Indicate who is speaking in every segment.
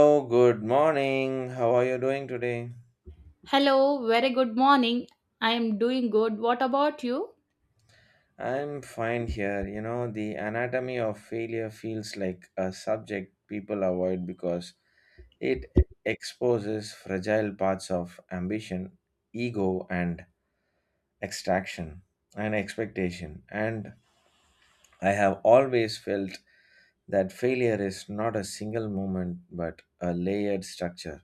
Speaker 1: Oh, good morning. How are you doing today?
Speaker 2: Hello, very good morning. I am doing good. What about you?
Speaker 1: I'm fine here. You know, the anatomy of failure feels like a subject people avoid because it exposes fragile parts of ambition, ego, and extraction and expectation. And I have always felt that failure is not a single moment but a layered structure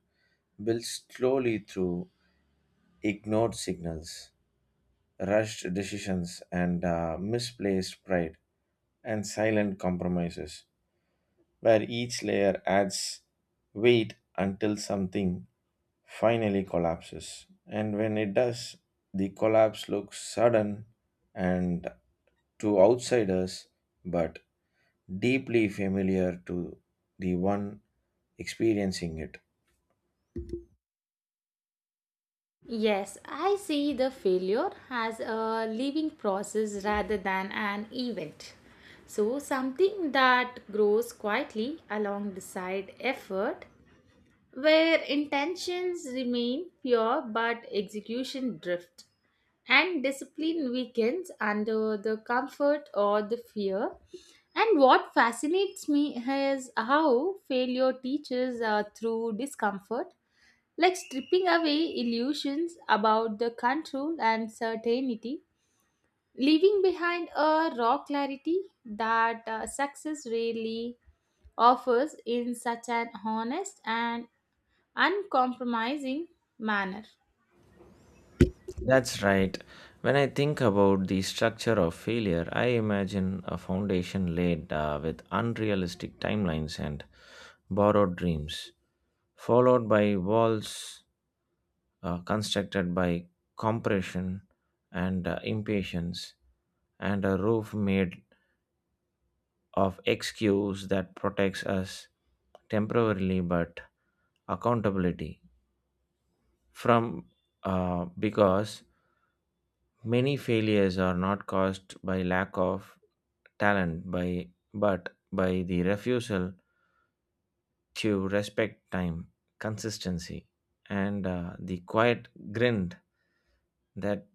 Speaker 1: built slowly through ignored signals, rushed decisions and misplaced pride and silent compromises, where each layer adds weight until something finally collapses. And when it does, the collapse looks sudden and to outsiders, but deeply familiar to the one experiencing it.
Speaker 2: Yes, I see the failure as a living process rather than an event. So, something that grows quietly alongside effort where intentions remain pure but execution drift and discipline weakens under the comfort or the fear and what fascinates me is how failure teaches through discomfort like stripping away illusions about the control and certainty leaving behind a raw clarity that success rarely offers in such an honest and uncompromising manner.
Speaker 1: That's right. When I think about the structure of failure, I imagine a foundation laid with unrealistic timelines and borrowed dreams, followed by walls constructed by compression and impatience, and a roof made of excuse that protects us temporarily but accountability from because many failures are not caused by lack of talent by but by the refusal to respect time, consistency, and the quiet grind that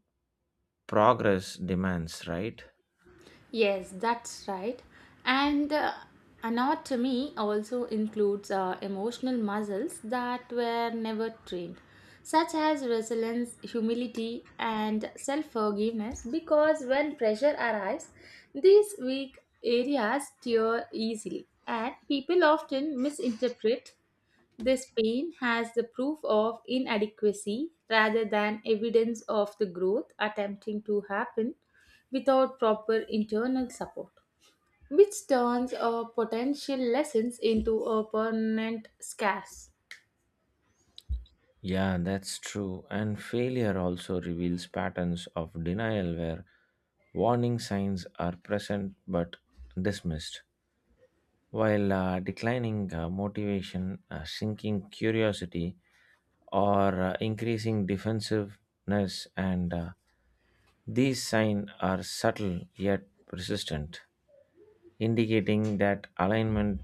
Speaker 1: progress demands, right?
Speaker 2: Yes, that's right. And anatomy also includes emotional muscles that were never trained, such as resilience, humility, and self forgiveness, because when pressure arrives, these weak areas tear easily, and people often misinterpret. This pain has the proof of inadequacy rather than evidence of the growth attempting to happen without proper internal support, which turns a potential lessons into a permanent scarce.
Speaker 1: Yeah, that's true. And failure also reveals patterns of denial where warning signs are present but dismissed, while declining motivation, sinking curiosity, or increasing defensiveness, and these signs are subtle yet persistent, indicating that alignment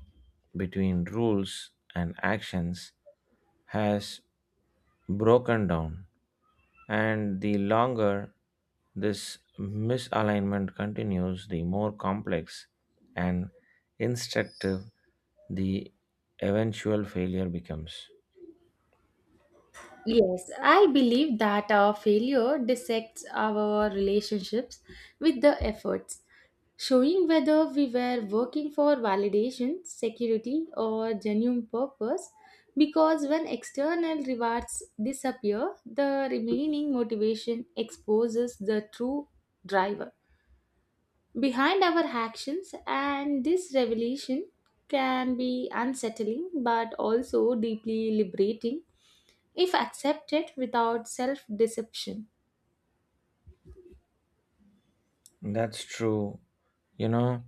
Speaker 1: between rules and actions has broken down. And the longer this misalignment continues, the more complex and instructive the eventual failure becomes.
Speaker 2: Yes, I believe that our failure dissects our relationships with the efforts, showing whether we were working for validation, security, or genuine purpose. Because when external rewards disappear, the remaining motivation exposes the true driver behind our actions, and this revelation can be unsettling but also deeply liberating if accepted without self deception.
Speaker 1: That's true. You know,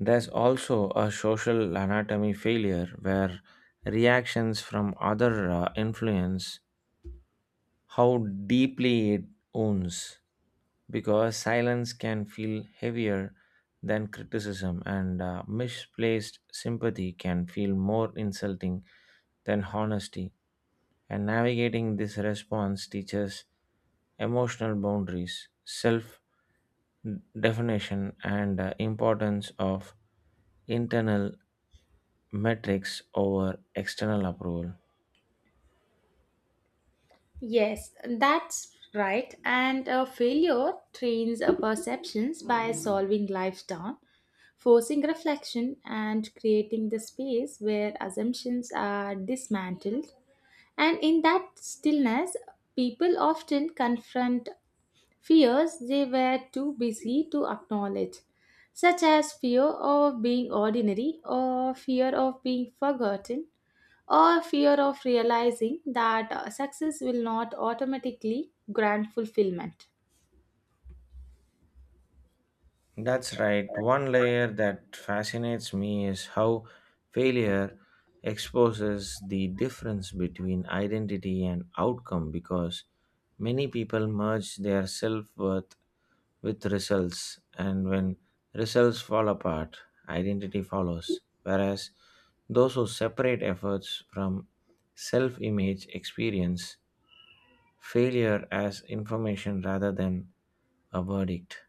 Speaker 1: there's also a social anatomy failure where reactions from other influence how deeply it owns because silence can feel heavier than criticism and misplaced sympathy can feel more insulting than honesty, and navigating this response teaches emotional boundaries, self definition and importance of internal metrics over external approval.
Speaker 2: Yes, that's right. And a failure trains our perceptions by solving life down, forcing reflection, and creating the space where assumptions are dismantled. And in that stillness, people often confront fears they were too busy to acknowledge, such as fear of being ordinary, or fear of being forgotten, or fear of realizing that success will not automatically grant fulfillment.
Speaker 1: That's right. One layer that fascinates me is how failure exposes the difference between identity and outcome because many people merge their self worth with results, and when results fall apart, identity follows. Whereas those who separate efforts from self image experience failure as information rather than a verdict,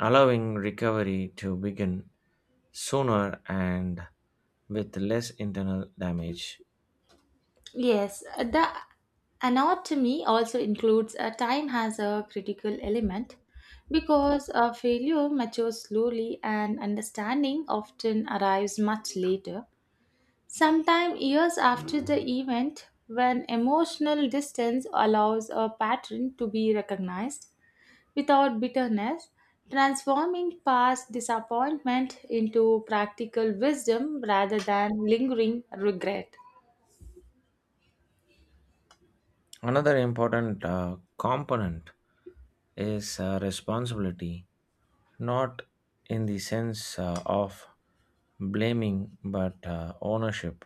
Speaker 1: allowing recovery to begin sooner and with less internal damage.
Speaker 2: Yes, the anatomy also includes a time as a critical element because a failure matures slowly and understanding often arrives much later. Sometime years after the event, when emotional distance allows a pattern to be recognized without bitterness, transforming past disappointment into practical wisdom rather than lingering regret.
Speaker 1: Another important component is responsibility, not in the sense of blaming but ownership,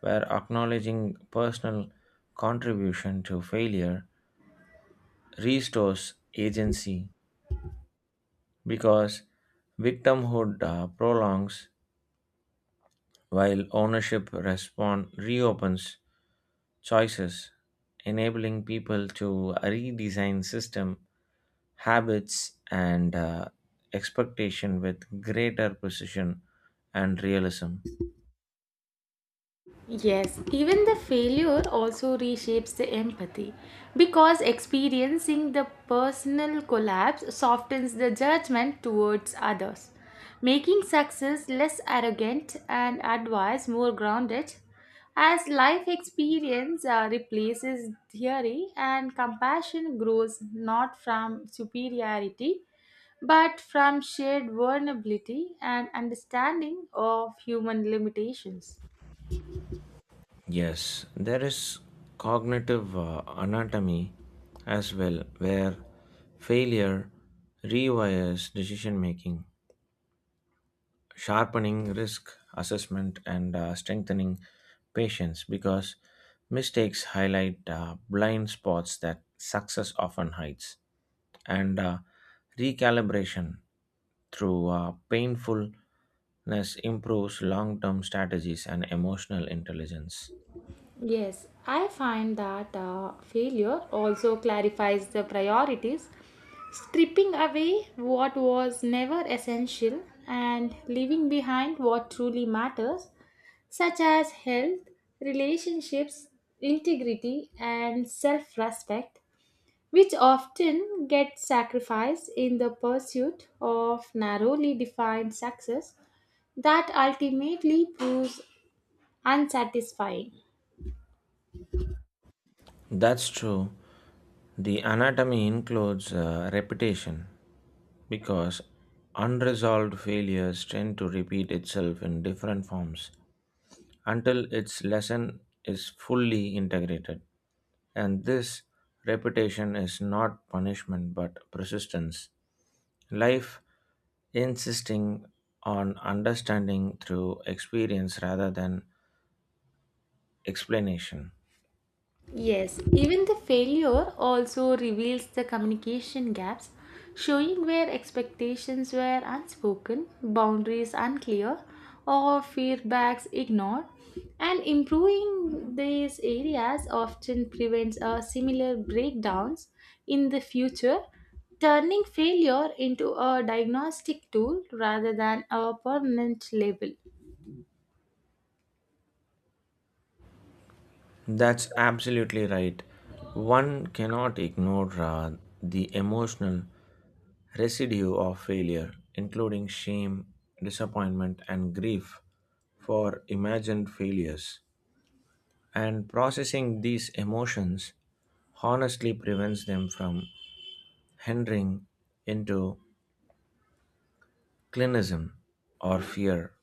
Speaker 1: where acknowledging personal contribution to failure restores agency because victimhood prolongs while ownership respond reopens choices, enabling people to redesign system habits and expectation with greater precision and realism.
Speaker 2: Yes, even the failure also reshapes the empathy because experiencing the personal collapse softens the judgment towards others, making success less arrogant and advice more grounded. As life experience replaces theory and compassion grows not from superiority but from shared vulnerability and understanding of human limitations.
Speaker 1: Yes, there is cognitive anatomy as well, where failure rewires decision making, sharpening risk assessment and strengthening patience because mistakes highlight blind spots that success often hides and recalibration through painfulness improves long-term strategies and emotional intelligence.
Speaker 2: Yes, I find that failure also clarifies the priorities, stripping away what was never essential and leaving behind what truly matters, such as health, relationships, integrity, and self respect, which often get sacrificed in the pursuit of narrowly defined success that ultimately proves unsatisfying.
Speaker 1: That's true. The anatomy includes repetition because unresolved failures tend to repeat itself in different forms until its lesson is fully integrated. And this repetition is not punishment but persistence. Life insisting on understanding through experience rather than explanation.
Speaker 2: Yes, even the failure also reveals the communication gaps, showing where expectations were unspoken, boundaries unclear, or feedbacks ignored. And improving these areas often prevents a similar breakdowns in the future, turning failure into a diagnostic tool rather than a permanent label.
Speaker 1: That's absolutely right. One cannot ignore the emotional residue of failure, including shame, disappointment, and grief for imagined failures, and processing these emotions honestly prevents them from entering into clinism or fear,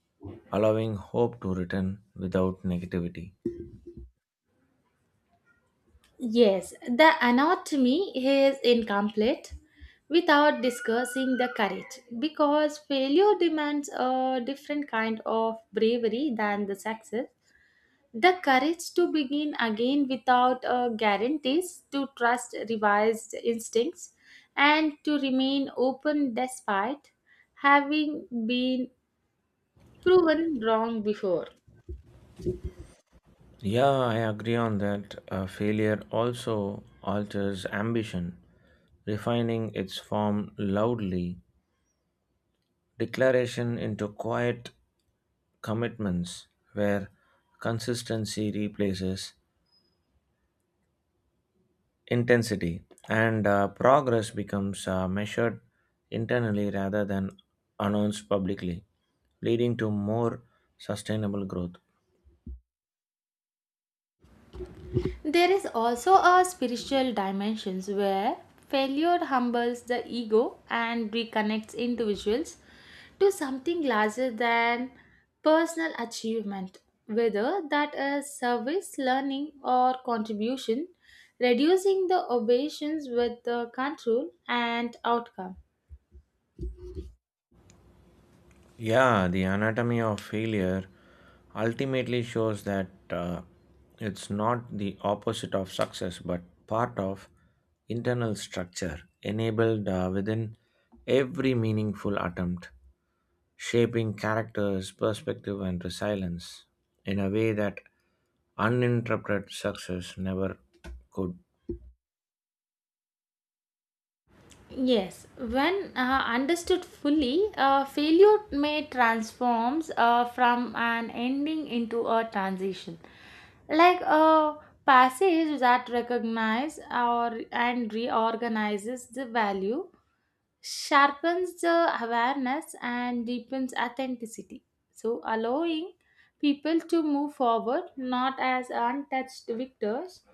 Speaker 1: allowing hope to return without negativity.
Speaker 2: Yes, the anatomy is incomplete without discussing the courage because failure demands a different kind of bravery than the success. The courage to begin again without guarantees, to trust revised instincts, and to remain open despite having been proven wrong before.
Speaker 1: Yeah, I agree on that. Failure also alters ambition, refining its form loudly, declaration into quiet commitments where consistency replaces intensity and progress becomes measured internally rather than announced publicly, leading to more sustainable growth.
Speaker 2: There is also a spiritual dimension where failure humbles the ego and reconnects individuals to something larger than personal achievement, whether that is service, learning, or contribution, reducing the obeisance with the control and outcome.
Speaker 1: Yeah, the anatomy of failure ultimately shows that it's not the opposite of success but part of internal structure enabled within every meaningful attempt, shaping characters, perspective, and resilience in a way that uninterrupted success never could.
Speaker 2: Yes, when understood fully, failure may transforms from an ending into a transition, like a passage that recognizes or and reorganizes the value sharpens the awareness and deepens authenticity. So, allowing people to move forward not as untouched victors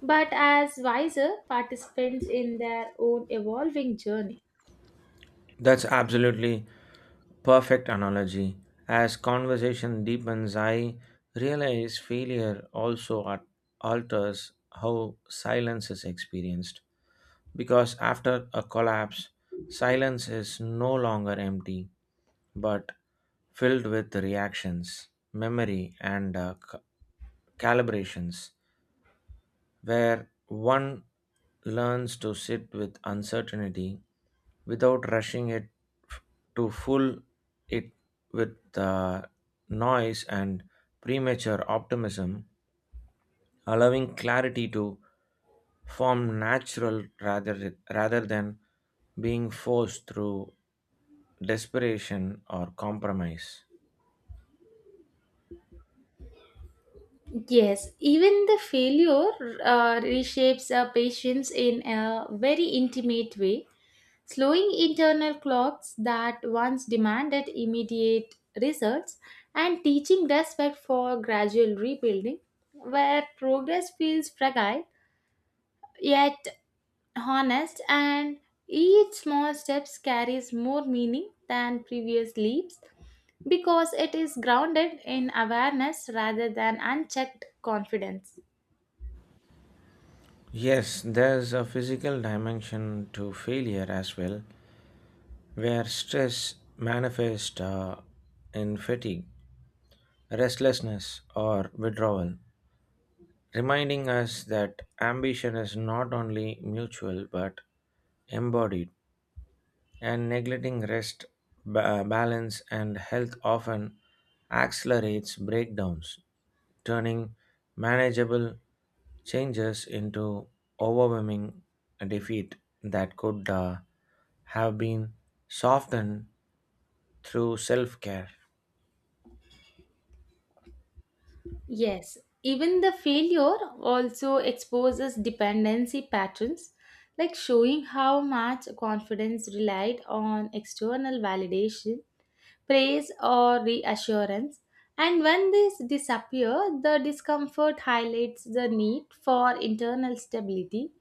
Speaker 2: but as wiser participants in their own evolving journey.
Speaker 1: That's absolutely perfect analogy. As conversation deepens, I realize failure also alters how silence is experienced. Because after a collapse, silence is no longer empty but filled with reactions, memory, and calibrations where one learns to sit with uncertainty without rushing it f- to full it with the noise and premature optimism, allowing clarity to form natural rather than being forced through desperation or compromise.
Speaker 2: Yes, even the failure reshapes our patience in a very intimate way slowing internal clocks that once demanded immediate results and teaching respect for gradual rebuilding where progress feels fragile yet honest and each small step carries more meaning than previous leaps because it is grounded in awareness rather than unchecked confidence.
Speaker 1: Yes, there's a physical dimension to failure as well, where stress manifests in fatigue, restlessness, or withdrawal, reminding us that ambition is not only mutual but embodied, and neglecting rest, balance, and health often accelerates breakdowns, turning manageable changes into overwhelming defeat that could have been softened through self care.
Speaker 2: Yes, even the failure also exposes dependency patterns, like showing how much confidence relied on external validation, praise, or reassurance. And when these disappear, the discomfort highlights the need for internal stability,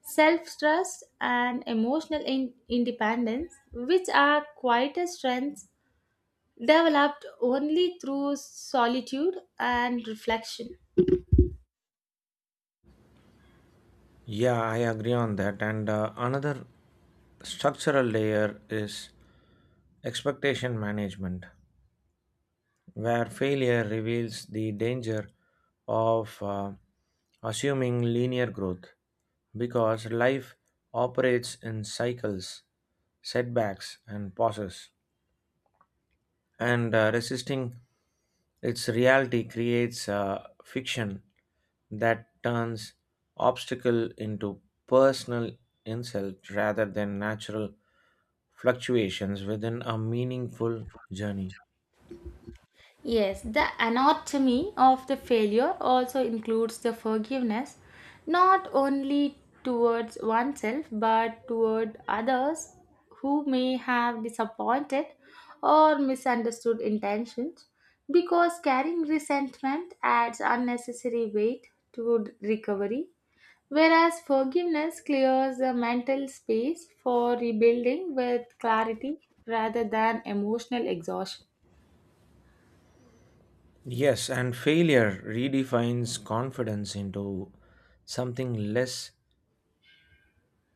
Speaker 2: self trust, and emotional independence, which are quieter strengths developed only through solitude and reflection.
Speaker 1: Yeah, I agree on that. And another structural layer is expectation management, where failure reveals the danger of assuming linear growth because life operates in cycles, setbacks, and pauses, and resisting its reality creates fiction that turns obstacle into personal insult rather than natural fluctuations within a meaningful journey.
Speaker 2: Yes, the anatomy of the failure also includes the forgiveness, not only towards oneself but toward others who may have disappointed or misunderstood intentions, because carrying resentment adds unnecessary weight to recovery, whereas forgiveness clears the mental space for rebuilding with clarity rather than emotional exhaustion.
Speaker 1: Yes, and failure redefines confidence into something less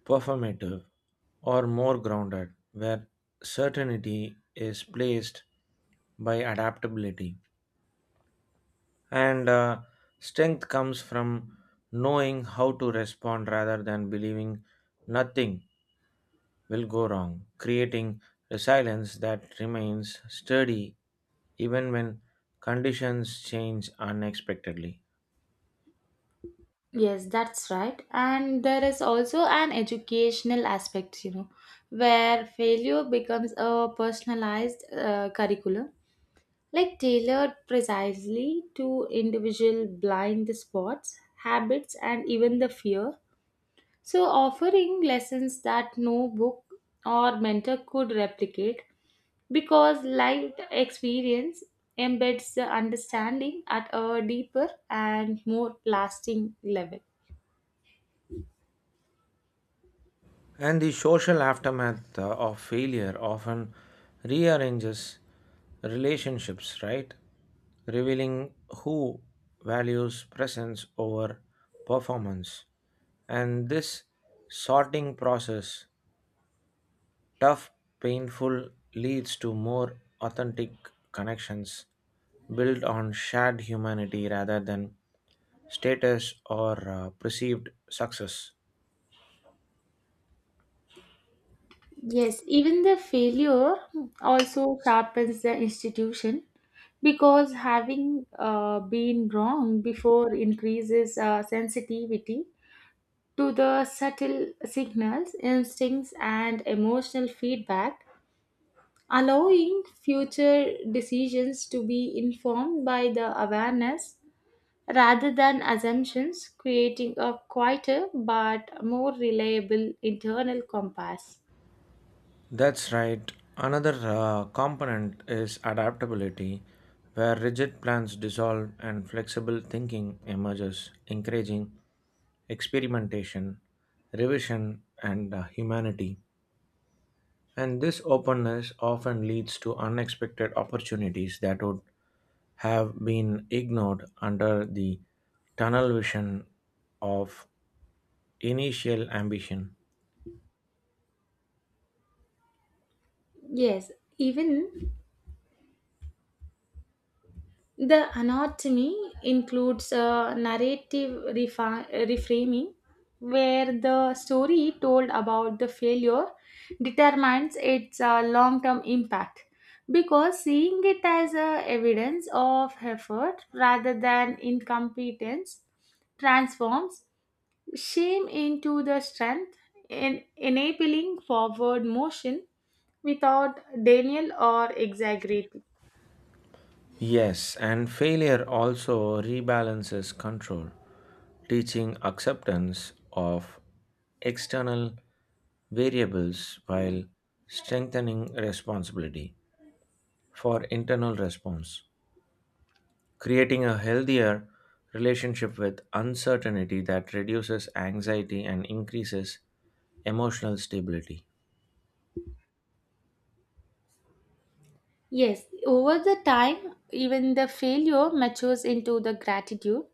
Speaker 1: performative or more grounded where certainty is placed by adaptability. And strength comes from knowing how to respond rather than believing nothing will go wrong, creating resilience that remains sturdy even when conditions change unexpectedly.
Speaker 2: Yes, that's right. And there is also an educational aspect, you know, where failure becomes a personalized curriculum, like tailored precisely to individual blind spots, habits, and even the fear. So, offering lessons that no book or mentor could replicate because life experience embeds the understanding at a deeper and more lasting level.
Speaker 1: And the social aftermath of failure often rearranges relationships, right? Revealing who values presence over performance. And this sorting process, tough, painful, leads to more authentic connections built on shared humanity rather than status or perceived success.
Speaker 2: Yes, even the failure also sharpens the institution because having been wrong before increases sensitivity to the subtle signals, instincts, and emotional feedback, allowing future decisions to be informed by the awareness rather than assumptions, creating a quieter but more reliable internal compass.
Speaker 1: That's right. Another component is adaptability, where rigid plans dissolve and flexible thinking emerges, encouraging experimentation, revision, and humanity. And this openness often leads to unexpected opportunities that would have been ignored under the tunnel vision of initial ambition.
Speaker 2: Yes, even the anatomy includes a narrative reframing where the story told about the failure determines its long term impact because seeing it as a evidence of effort rather than incompetence transforms shame into the strength in enabling forward motion without denial or exaggeration.
Speaker 1: Yes, and failure also rebalances control, teaching acceptance of external variables while strengthening responsibility for internal response, creating a healthier relationship with uncertainty that reduces anxiety and increases emotional stability.
Speaker 2: Yes, over the time, even the failure matures into the gratitude,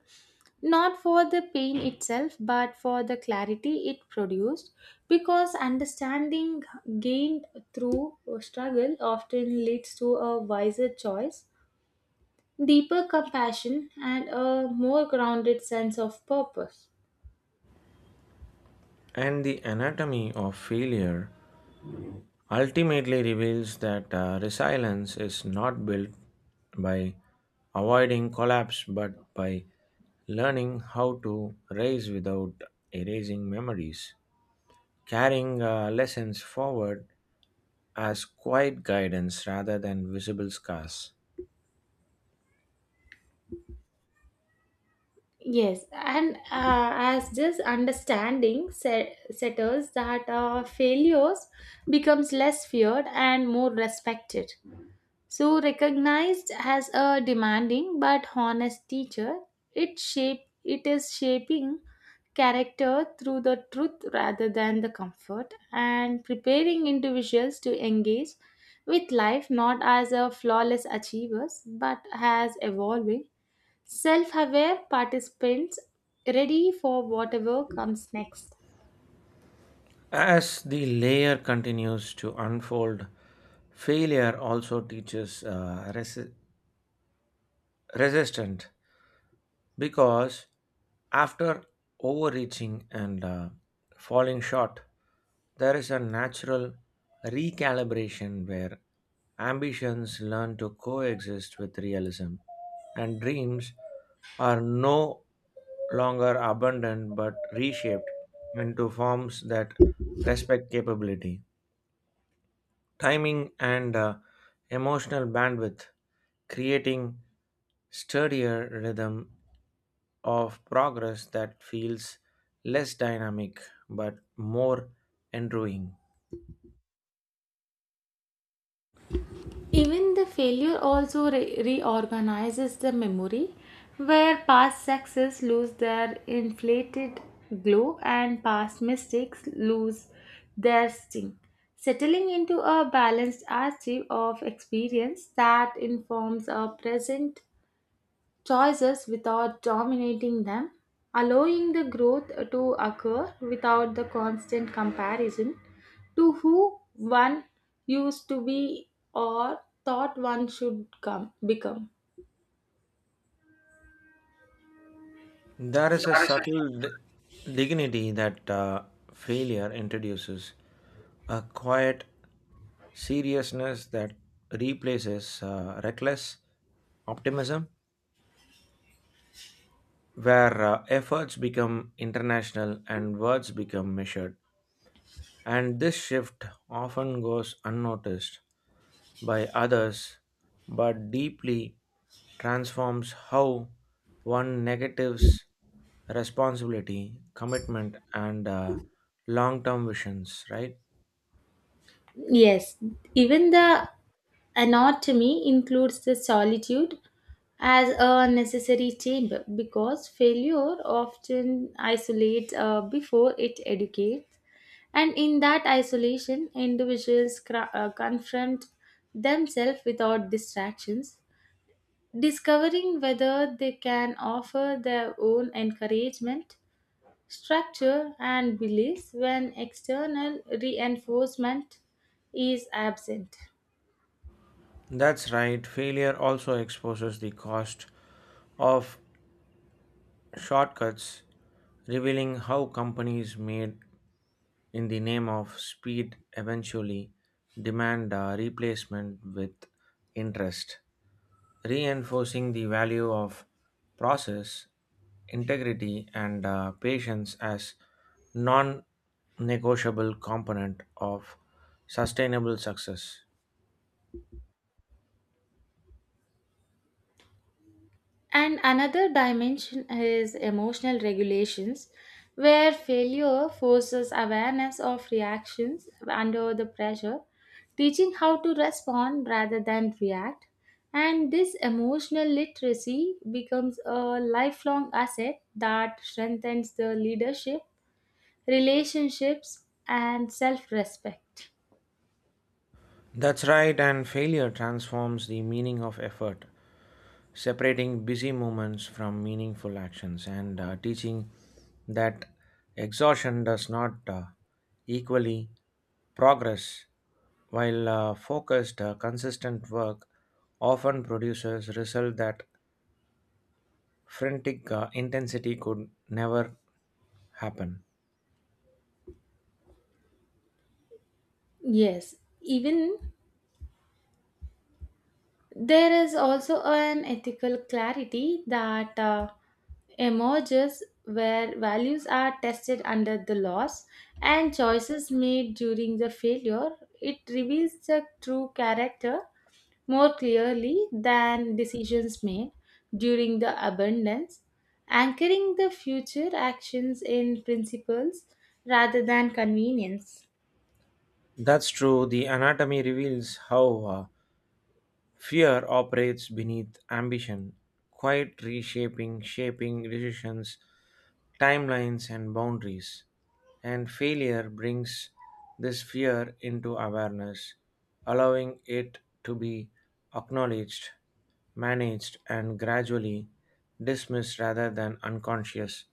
Speaker 2: not for the pain itself, but for the clarity it produced, because understanding gained through struggle often leads to a wiser choice, deeper compassion, and a more grounded sense of purpose.
Speaker 1: And the anatomy of failure ultimately reveals that resilience is not built by avoiding collapse but by learning how to rise without erasing memories, carrying lessons forward as quiet guidance rather than visible scars.
Speaker 2: Yes, and as this understanding settles, that failures becomes less feared and more respected. So recognized as a demanding but honest teacher, it is shaping character through the truth rather than the comfort, and preparing individuals to engage with life not as a flawless achievers but as evolving self aware participants ready for whatever comes next.
Speaker 1: As the layer continues to unfold, failure also teaches resistance because after overreaching and falling short, there is a natural recalibration where ambitions learn to coexist with realism and dreams are no longer abandoned but reshaped into forms that respect capability, timing, and emotional bandwidth, creating sturdier rhythm of progress that feels less dynamic but more enduring.
Speaker 2: Even the failure also reorganizes the memory, where past success lose their inflated glow and past mistakes lose their sting, settling into a balanced archive of experience that informs our present choices without dominating them, allowing the growth to occur without the constant comparison to who one used to be or thought one become.
Speaker 1: There is a subtle dignity that failure introduces, a quiet seriousness that replaces reckless optimism, where efforts become international and words become measured. And this shift often goes unnoticed by others but deeply transforms how one negatives responsibility, commitment, and long term visions, right?
Speaker 2: Yes, even the anatomy includes the solitude as a necessary chamber because failure often isolates before it educates. And in that isolation, individuals confront themselves without distractions, discovering whether they can offer their own encouragement, structure, and beliefs when external reinforcement is absent.
Speaker 1: That's right. Failure also exposes the cost of shortcuts, revealing how companies made in the name of speed eventually demand a replacement with interest, reinforcing the value of process, integrity, and patience as non negotiable component of sustainable success.
Speaker 2: And another dimension is emotional regulations, where failure forces awareness of reactions under the pressure, teaching how to respond rather than react. And this emotional literacy becomes a lifelong asset that strengthens the leadership, relationships, and self respect.
Speaker 1: That's right, and failure transforms the meaning of effort, separating busy moments from meaningful actions and teaching that exhaustion does not equally progress. While focused, consistent work often produces results that frantic intensity could never happen.
Speaker 2: Yes, even there is also an ethical clarity that emerges where values are tested under the laws and choices made during the failure. It reveals the true character more clearly than decisions made during the abundance, anchoring the future actions in principles rather than convenience.
Speaker 1: That's true. The anatomy reveals how fear operates beneath ambition, quite shaping decisions, timelines, and boundaries. And failure brings this fear into awareness, allowing it to be acknowledged, managed and gradually dismissed rather than unconscious.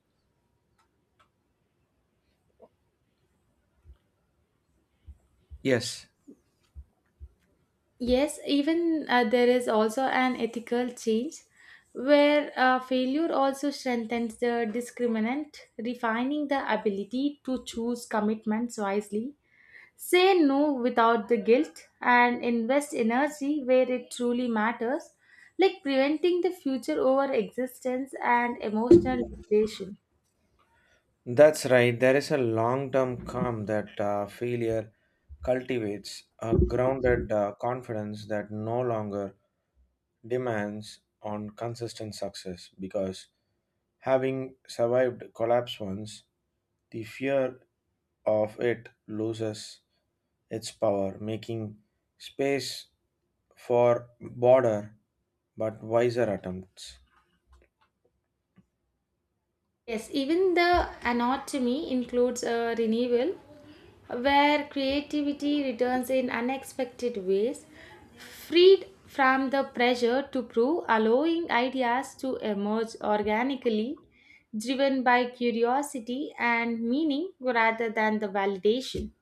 Speaker 1: Yes,
Speaker 2: Yes, even there is also an ethical change where failure also strengthens the discriminant, refining the ability to choose commitments wisely, say no without the guilt, and invest energy where it truly matters, like preventing the future over existence and emotional depletion.
Speaker 1: that's right. There is a long term calm that failure cultivates, a grounded confidence that no longer demands on consistent success because having survived collapse once, the fear of it loses its power, making space for broader but wiser attempts.
Speaker 2: Yes, even the anatomy includes a renewal where creativity returns in unexpected ways, freed from the pressure to prove, allowing ideas to emerge organically, driven by curiosity and meaning rather than the validation.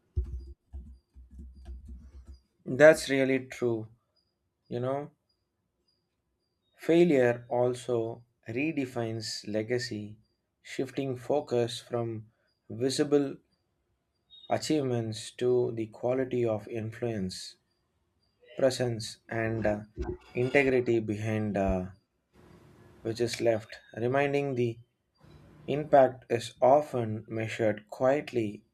Speaker 1: That's really true. You know, failure also redefines legacy, shifting focus from visible achievements to the quality of influence, presence, and integrity behind which is left, reminding the impact is often measured quietly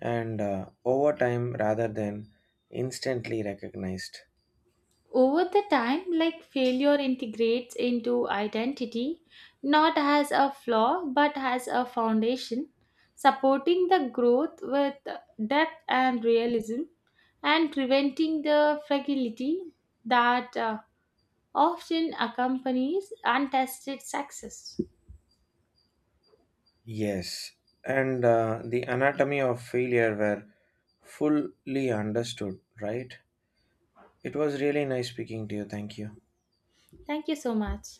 Speaker 1: and over time rather than instantly recognized.
Speaker 2: Over the time, like failure integrates into identity, not as a flaw but as a foundation, supporting the growth with depth and realism, and preventing the fragility that often accompanies untested success.
Speaker 1: Yes, and the anatomy of failure were fully understood, right? It was really nice speaking to you. Thank you.
Speaker 2: Thank you so much.